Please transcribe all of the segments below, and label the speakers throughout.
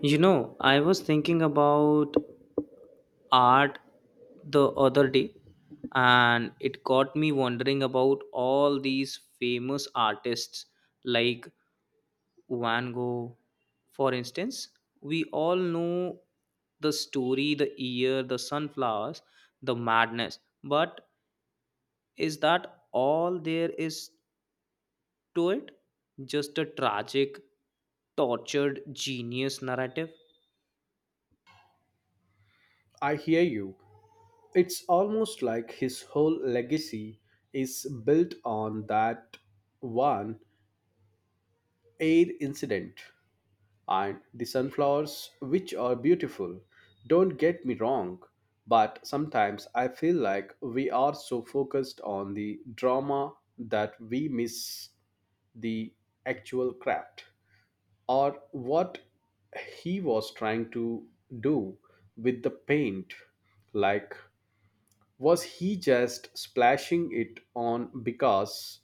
Speaker 1: You know, I was thinking about art the other day, and it got me wondering about all these famous artists like Van Gogh, for instance. We all know the story, the year, the sunflowers, the madness, but is that all there is to it? Just a tragic, tortured genius narrative?
Speaker 2: I hear you. It's almost like his whole legacy is built on that one air incident. And the sunflowers, which are beautiful, don't get me wrong, but sometimes I feel like we are so focused on the drama that we miss the actual craft, or what he was trying to do with the paint. Like, was he just splashing it on because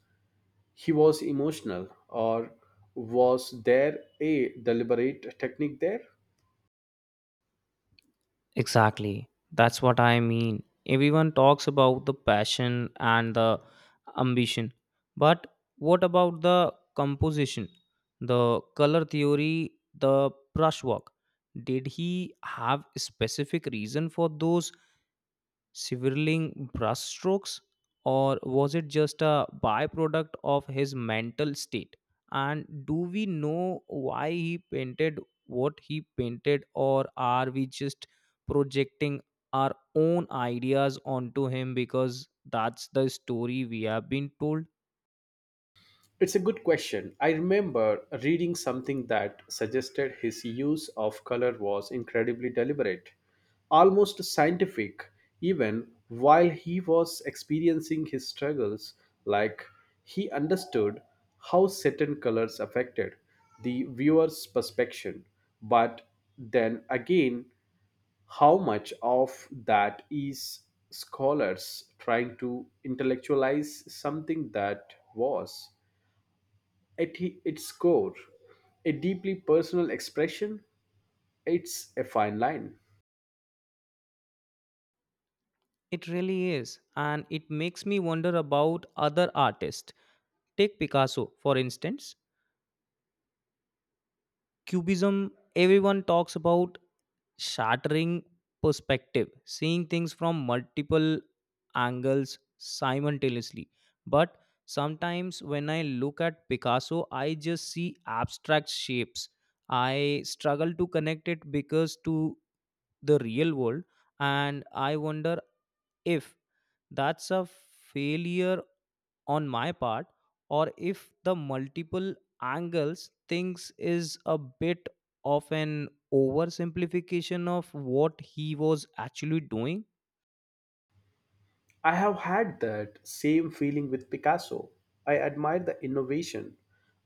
Speaker 2: he was emotional, or was there a deliberate technique there?
Speaker 1: Exactly. That's what I mean. Everyone talks about the passion and the ambition. But what about the composition, the color theory, the brushwork? Did he have a specific reason for those swirling brushstrokes, or was it just a byproduct of his mental state? And do we know why he painted what he painted, or are we just projecting our own ideas onto him because that's the story we have been told?
Speaker 2: It's a good question. I remember reading something that suggested his use of color was incredibly deliberate, almost scientific, even while he was experiencing his struggles. Like, he understood how certain colors affected the viewer's perception, but then again, how much of that is scholars trying to intellectualize something that was? At its core, a deeply personal expression, it's a fine line.
Speaker 1: It really is, and it makes me wonder about other artists. Take Picasso, for instance. Cubism, everyone talks about shattering perspective, seeing things from multiple angles simultaneously. But sometimes when I look at Picasso, I just see abstract shapes. I struggle to connect it because to the real world, and I wonder if that's a failure on my part, or if the multiple angles things is a bit of an oversimplification of what he was actually doing.
Speaker 2: I have had that same feeling with Picasso. I admire the innovation.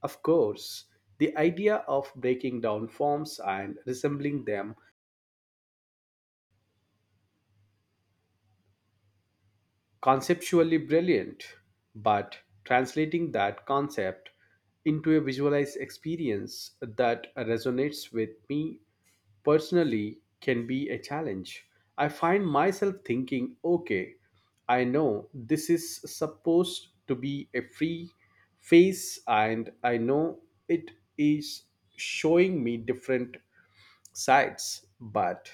Speaker 2: Of course, the idea of breaking down forms and resembling them conceptually brilliant, but translating that concept into a visualized experience that resonates with me personally can be a challenge. I find myself thinking, okay, I know this is supposed to be a free phase, and I know it is showing me different sides, but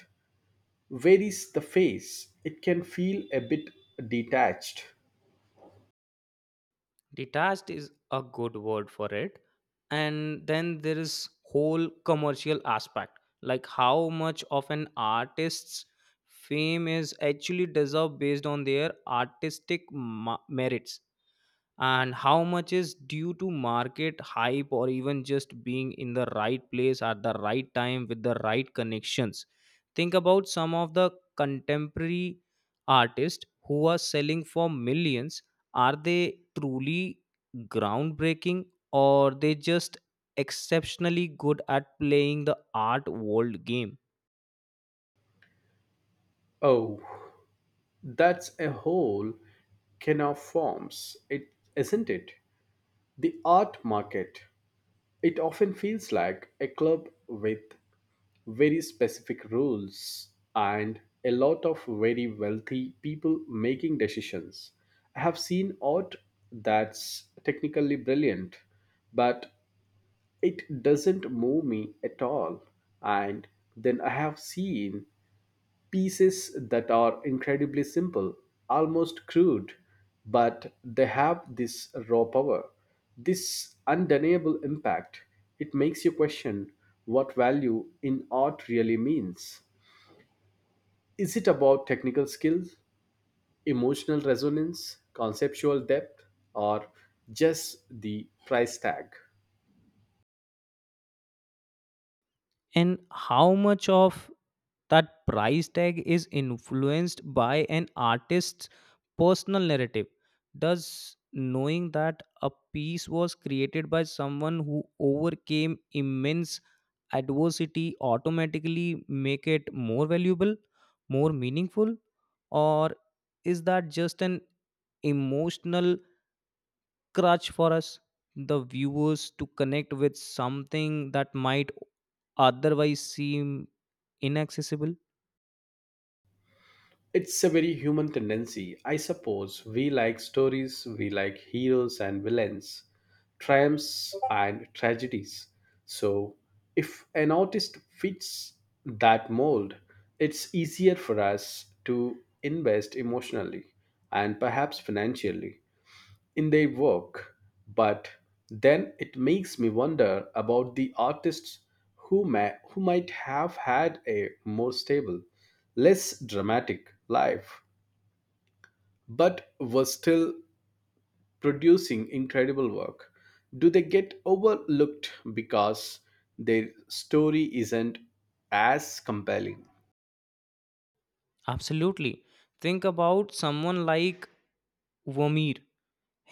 Speaker 2: where is the face? It can feel a bit detached.
Speaker 1: Detached is a good word for it. And then there is whole commercial aspect, like how much of an artist's fame is actually deserved based on their artistic merits, and how much is due to market hype, or even just being in the right place at the right time with the right connections. Think about some of the contemporary artists who are selling for millions. Are they truly groundbreaking, or they just exceptionally good at playing the art world game?
Speaker 2: Oh, that's a whole can of forms, it, isn't it? The art market. It often feels like a club with very specific rules and a lot of very wealthy people making decisions. I have seen art that's technically brilliant, but it doesn't move me at all. And then I have seen pieces that are incredibly simple, almost crude, but they have this raw power, this undeniable impact. It makes you question what value in art really means. Is it about technical skills, emotional resonance, conceptual depth, or just the price tag?
Speaker 1: And how much of that price tag is influenced by an artist's personal narrative? Does knowing that a piece was created by someone who overcame immense adversity automatically make it more valuable, more meaningful? Or is that just an emotional crutch for us, the viewers, to connect with something that might otherwise seem inaccessible?
Speaker 2: It's a very human tendency, I suppose. We like stories, we like heroes and villains, triumphs and tragedies. So, if an artist fits that mold, it's easier for us to invest emotionally, and perhaps financially, in their work. But then it makes me wonder about the artists who might have had a more stable, less dramatic life, but were still producing incredible work. Do they get overlooked because their story isn't as compelling?
Speaker 1: Absolutely. Think about someone like Vomir.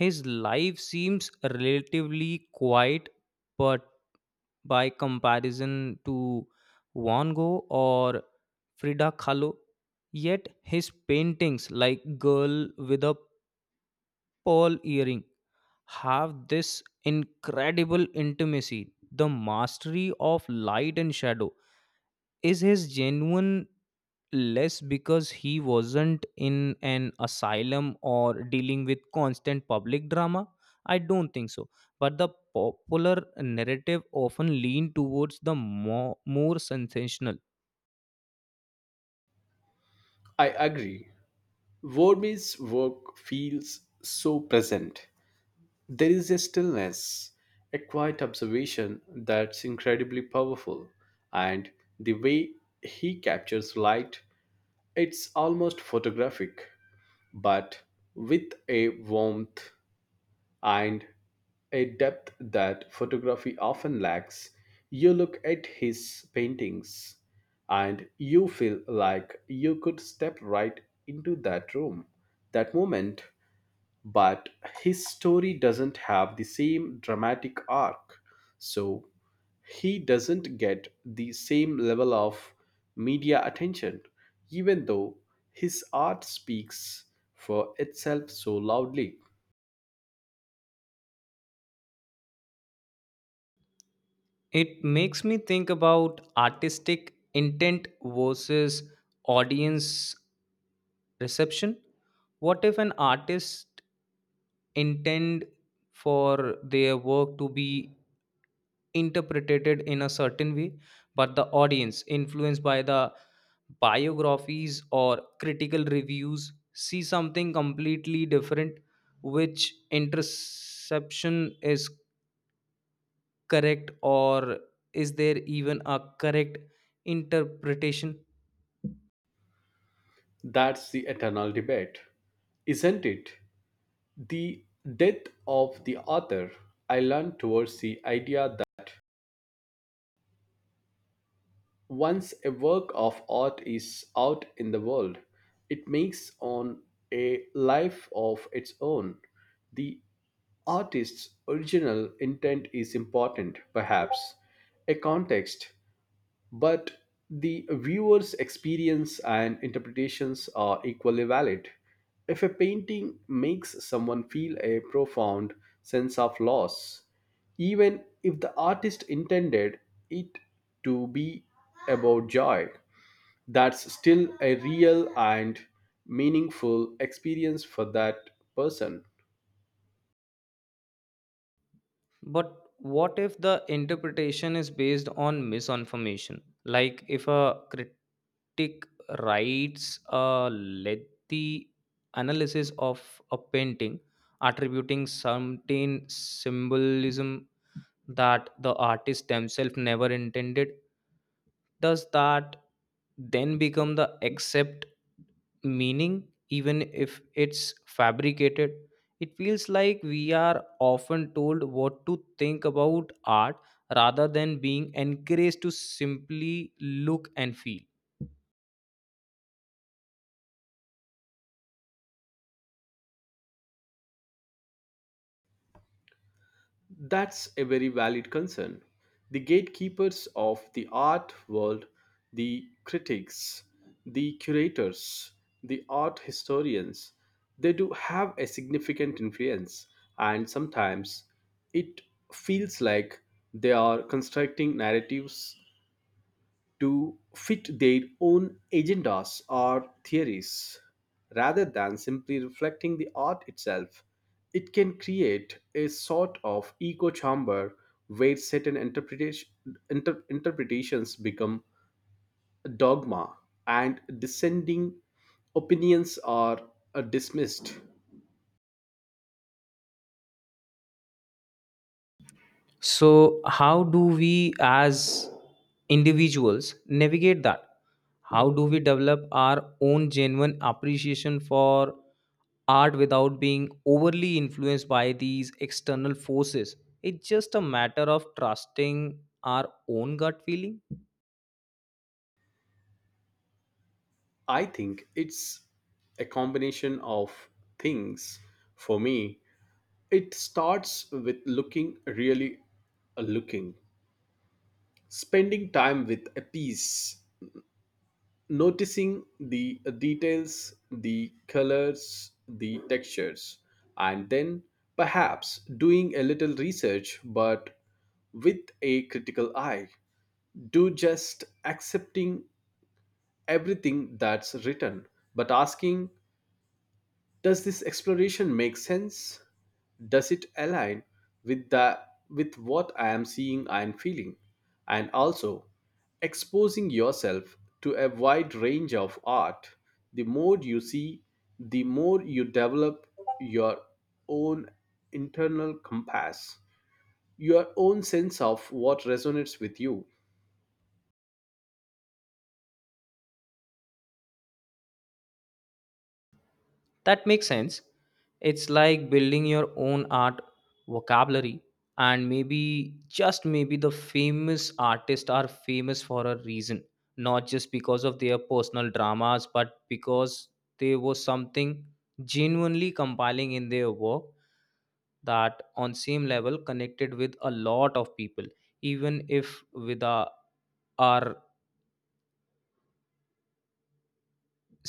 Speaker 1: His life seems relatively quiet but by comparison to Van Gogh or Frida Kahlo, yet his paintings like Girl with a Pearl Earring have this incredible intimacy. The mastery of light and shadow, is his genuine less because he wasn't in an asylum or dealing with constant public drama? I don't think so, but the popular narrative often lean towards the more sensational.
Speaker 2: I agree. Vermeer's work feels so present. There is a stillness, a quiet observation that's incredibly powerful, and the way he captures light, it's almost photographic, but with a warmth and a depth that photography often lacks. You look at his paintings and you feel like you could step right into that room, that moment, but his story doesn't have the same dramatic arc. So he doesn't get the same level of media attention, even though his art speaks for itself so loudly.
Speaker 1: It makes me think about artistic intent versus audience reception. What if an artist intend for their work to be interpreted in a certain way, but the audience, influenced by the biographies or critical reviews, see something completely different? Which interception is correct, or is there even a correct interpretation?
Speaker 2: That's the eternal debate, isn't it? The death of the author, I learned towards the idea that once a work of art is out in the world, it makes on a life of its own. The artist's original intent is important, perhaps, a context, but the viewer's experience and interpretations are equally valid. If a painting makes someone feel a profound sense of loss, even if the artist intended it to be about joy, that's still a real and meaningful experience for that person.
Speaker 1: But what if the interpretation is based on misinformation? Like if a critic writes a lengthy analysis of a painting, attributing certain symbolism that the artist themselves never intended, does that then become the accept meaning, even if it's fabricated? It feels like we are often told what to think about art rather than being encouraged to simply look and feel.
Speaker 2: That's a very valid concern. The gatekeepers of the art world, the critics, the curators, the art historians, they do have a significant influence, and sometimes it feels like they are constructing narratives to fit their own agendas or theories rather than simply reflecting the art itself. It can create a sort of echo chamber where certain interpretations become a dogma, and dissenting opinions are dismissed.
Speaker 1: So how do we as individuals navigate that? How do we develop our own genuine appreciation for art without being overly influenced by these external forces? It's just a matter of trusting our own gut feeling.
Speaker 2: I think it's a combination of things for me. It starts with looking really, looking, spending time with a piece, noticing the details, the colors, the textures, and then perhaps doing a little research, but with a critical eye. Do just accepting everything that's written, but asking, does this exploration make sense? Does it align with the with what I am seeing and feeling? And also, exposing yourself to a wide range of art, the more you see, the more you develop your own internal compass, your own sense of what resonates with you.
Speaker 1: That makes sense. It's like building your own art vocabulary, and maybe, just maybe, the famous artists are famous for a reason, not just because of their personal dramas, but because there was something genuinely compelling in their work that on same level connected with a lot of people, even if with our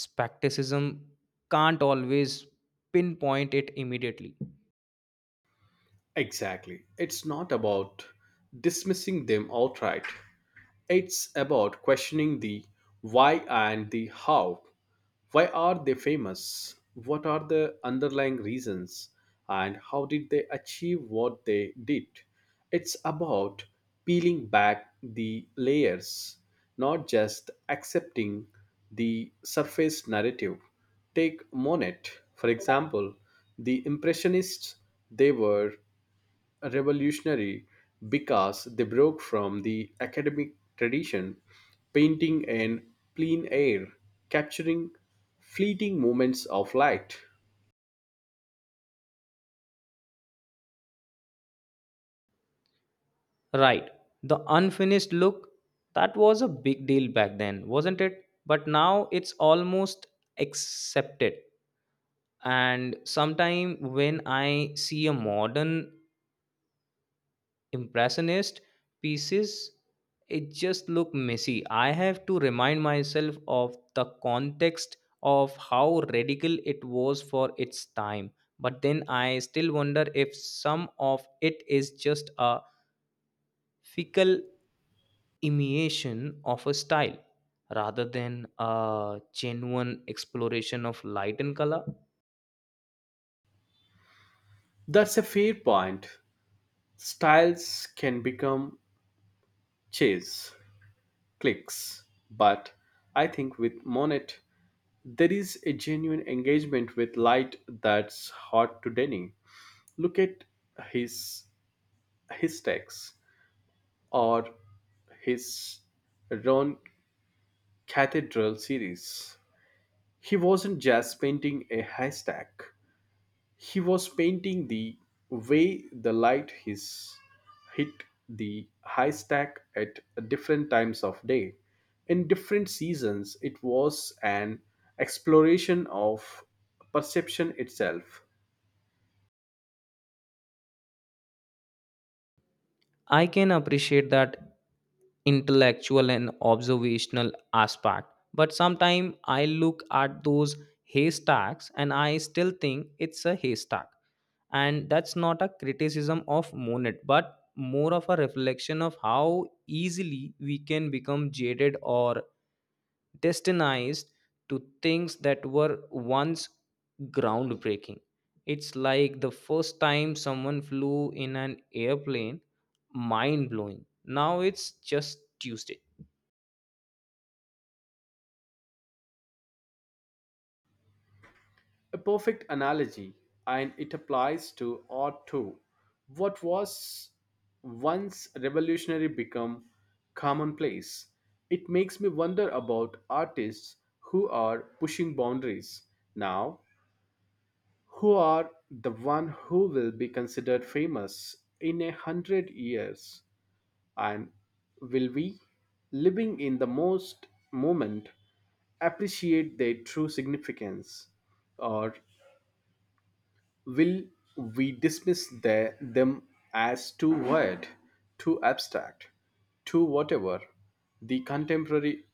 Speaker 1: skepticism can't always pinpoint it immediately.
Speaker 2: Exactly. It's not about dismissing them outright. It's about questioning the why and the how. Why are they famous? What are the underlying reasons? And how did they achieve what they did? It's about peeling back the layers, not just accepting the surface narrative. Take Monet, for example. The Impressionists, they were revolutionary because they broke from the academic tradition, painting in plain air, capturing fleeting moments of light.
Speaker 1: Right. The unfinished look, that was a big deal back then, wasn't it? But now it's almost accepted. And sometime when I see a modern impressionist pieces, it just look messy. I have to remind myself of the context of how radical it was for its time. But then I still wonder if some of it is just a fickle imitation of a style rather than a genuine exploration of light and color.
Speaker 2: That's a fair point. Styles can become chase, clicks, but I think with Monet, there is a genuine engagement with light that's hard to deny. Look at his his texts, or his Ron Cathedral series. He wasn't just painting a haystack, he was painting the way the hit the haystack at different times of day. In different seasons, it was an exploration of perception itself.
Speaker 1: I can appreciate that intellectual and observational aspect, but sometimes I look at those haystacks and I still think it's a haystack. And that's not a criticism of Monet, but more of a reflection of how easily we can become jaded or destinized to things that were once groundbreaking. It's like the first time someone flew in an airplane, mind blowing. Now it's just Tuesday.
Speaker 2: A perfect analogy, and it applies to art too. What was once revolutionary become commonplace. It makes me wonder about artists who are pushing boundaries now. Who are the one who will be considered famous in 100 years, and will we, living in the most moment, appreciate their true significance, or will we dismiss them as too wide, too abstract, too whatever the contemporary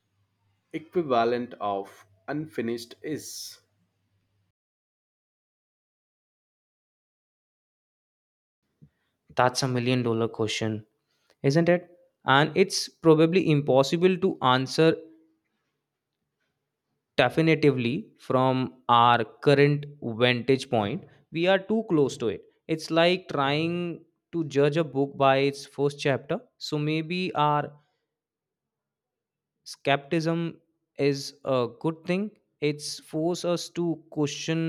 Speaker 2: equivalent of unfinished is?
Speaker 1: That's a million dollar question, isn't it? And it's probably impossible to answer definitively from our current vantage point. We are too close to it. It's like trying to judge a book by its first chapter. So maybe our skepticism is a good thing. It's force us to question,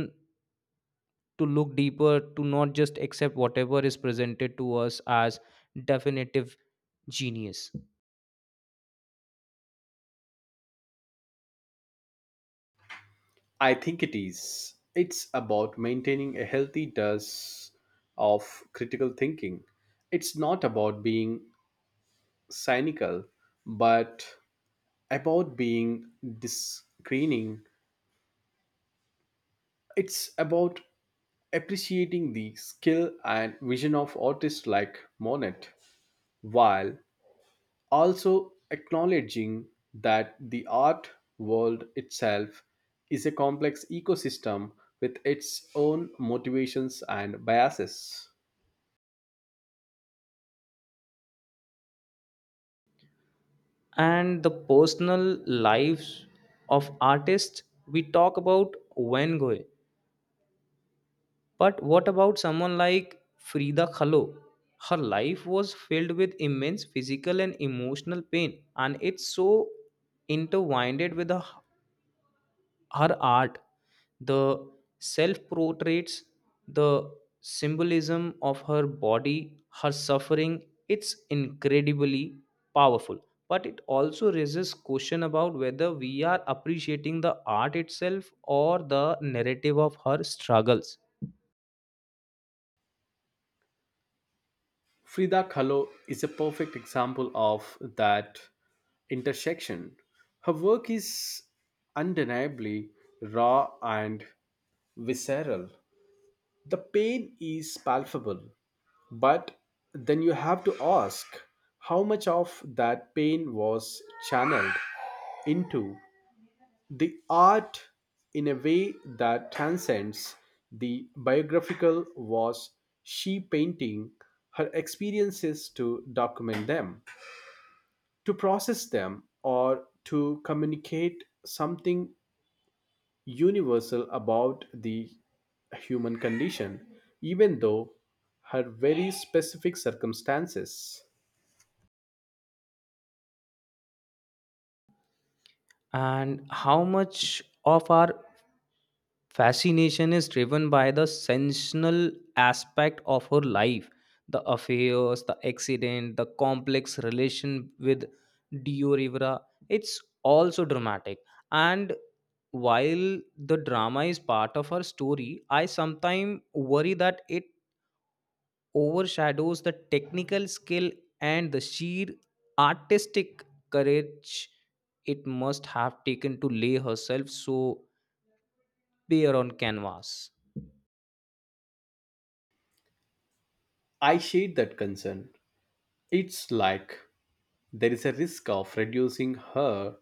Speaker 1: to look deeper, to not just accept whatever is presented to us as definitive genius.
Speaker 2: I think it is. It's about maintaining a healthy dose of critical thinking. It's not about being cynical, but about being discerning. It's about appreciating the skill and vision of artists like Monet, while also acknowledging that the art world itself is a complex ecosystem with its own motivations and biases.
Speaker 1: And the personal lives of artists, we talk about Van Gogh, but what about someone like Frida Kahlo? Her life was filled with immense physical and emotional pain, and it's so intertwined with her art, the self portraits, the symbolism of her body, her suffering, it's incredibly powerful. But it also raises question about whether we are appreciating the art itself or the narrative of her struggles.
Speaker 2: Frida Kahlo is a perfect example of that intersection. Her work is undeniably raw and visceral. The pain is palpable, but then you have to ask, how much of that pain was channeled into the art in a way that transcends the biographical? Was she painting her experiences to document them, to process them, or to communicate something universal about the human condition, even though her very specific circumstances?
Speaker 1: And how much of our fascination is driven by the sensational aspect of her life, the affairs, the accident, the complex relation with Dio Rivera. It's also dramatic. And while the drama is part of her story, I sometimes worry that it overshadows the technical skill and the sheer artistic courage it must have taken to lay herself so bare on canvas.
Speaker 2: I share that concern. It's like there is a risk of reducing her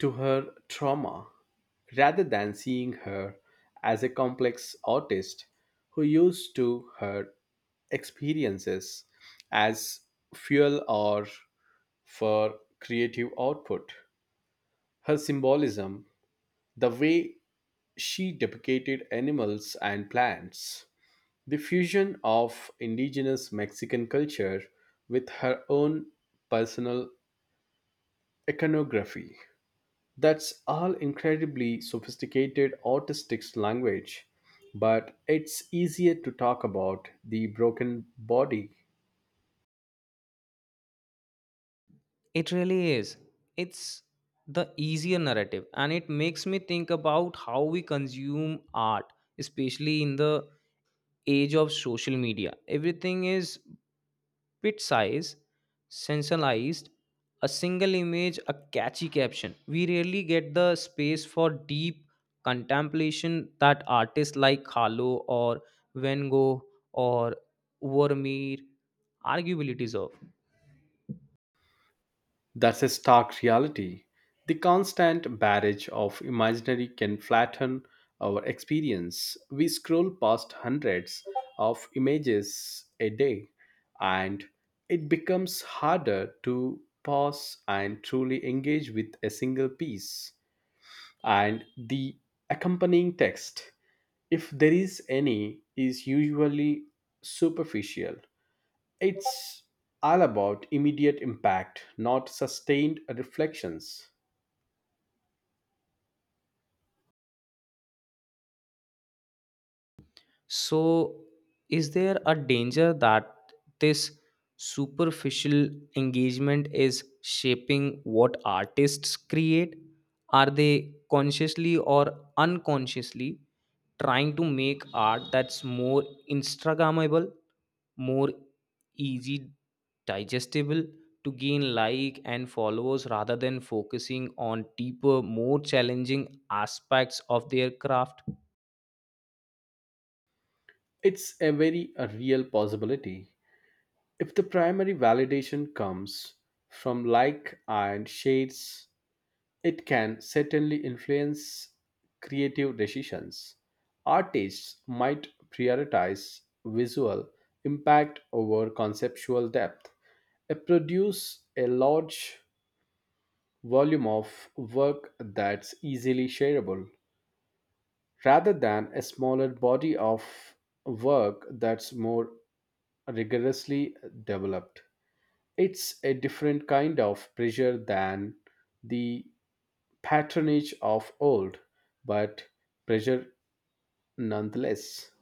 Speaker 2: to her trauma rather than seeing her as a complex artist who used to her experiences as fuel, or for creative output. Her symbolism, the way she depicted animals and plants, the fusion of indigenous Mexican culture with her own personal iconography, that's all incredibly sophisticated artistic language, but it's easier to talk about the broken body.
Speaker 1: It really is. It's the easier narrative, and it makes me think about how we consume art, especially in the age of social media. Everything is bit size, sensationalized, a single image, a catchy caption. We rarely get the space for deep contemplation that artists like Khalo or Van Gogh or Vermeer arguably deserve.
Speaker 2: That's a stark reality. The constant barrage of imaginary can flatten our experience. We scroll past hundreds of images a day, and it becomes harder to pause and truly engage with a single piece. And the accompanying text, if there is any, is usually superficial. It's all about immediate impact, not sustained reflections.
Speaker 1: So, is there a danger that this superficial engagement is shaping what artists create? Are they consciously or unconsciously trying to make art that's more Instagrammable, more easy digestible, to gain like and followers rather than focusing on deeper, more challenging aspects of their craft?
Speaker 2: It's a very a real possibility. If the primary validation comes from like and shades, it can certainly influence creative decisions. Artists might prioritize visual impact over conceptual depth. I produce a large volume of work that's easily shareable rather than a smaller body of work that's more rigorously developed. It's a different kind of pressure than the patronage of old, but pressure nonetheless.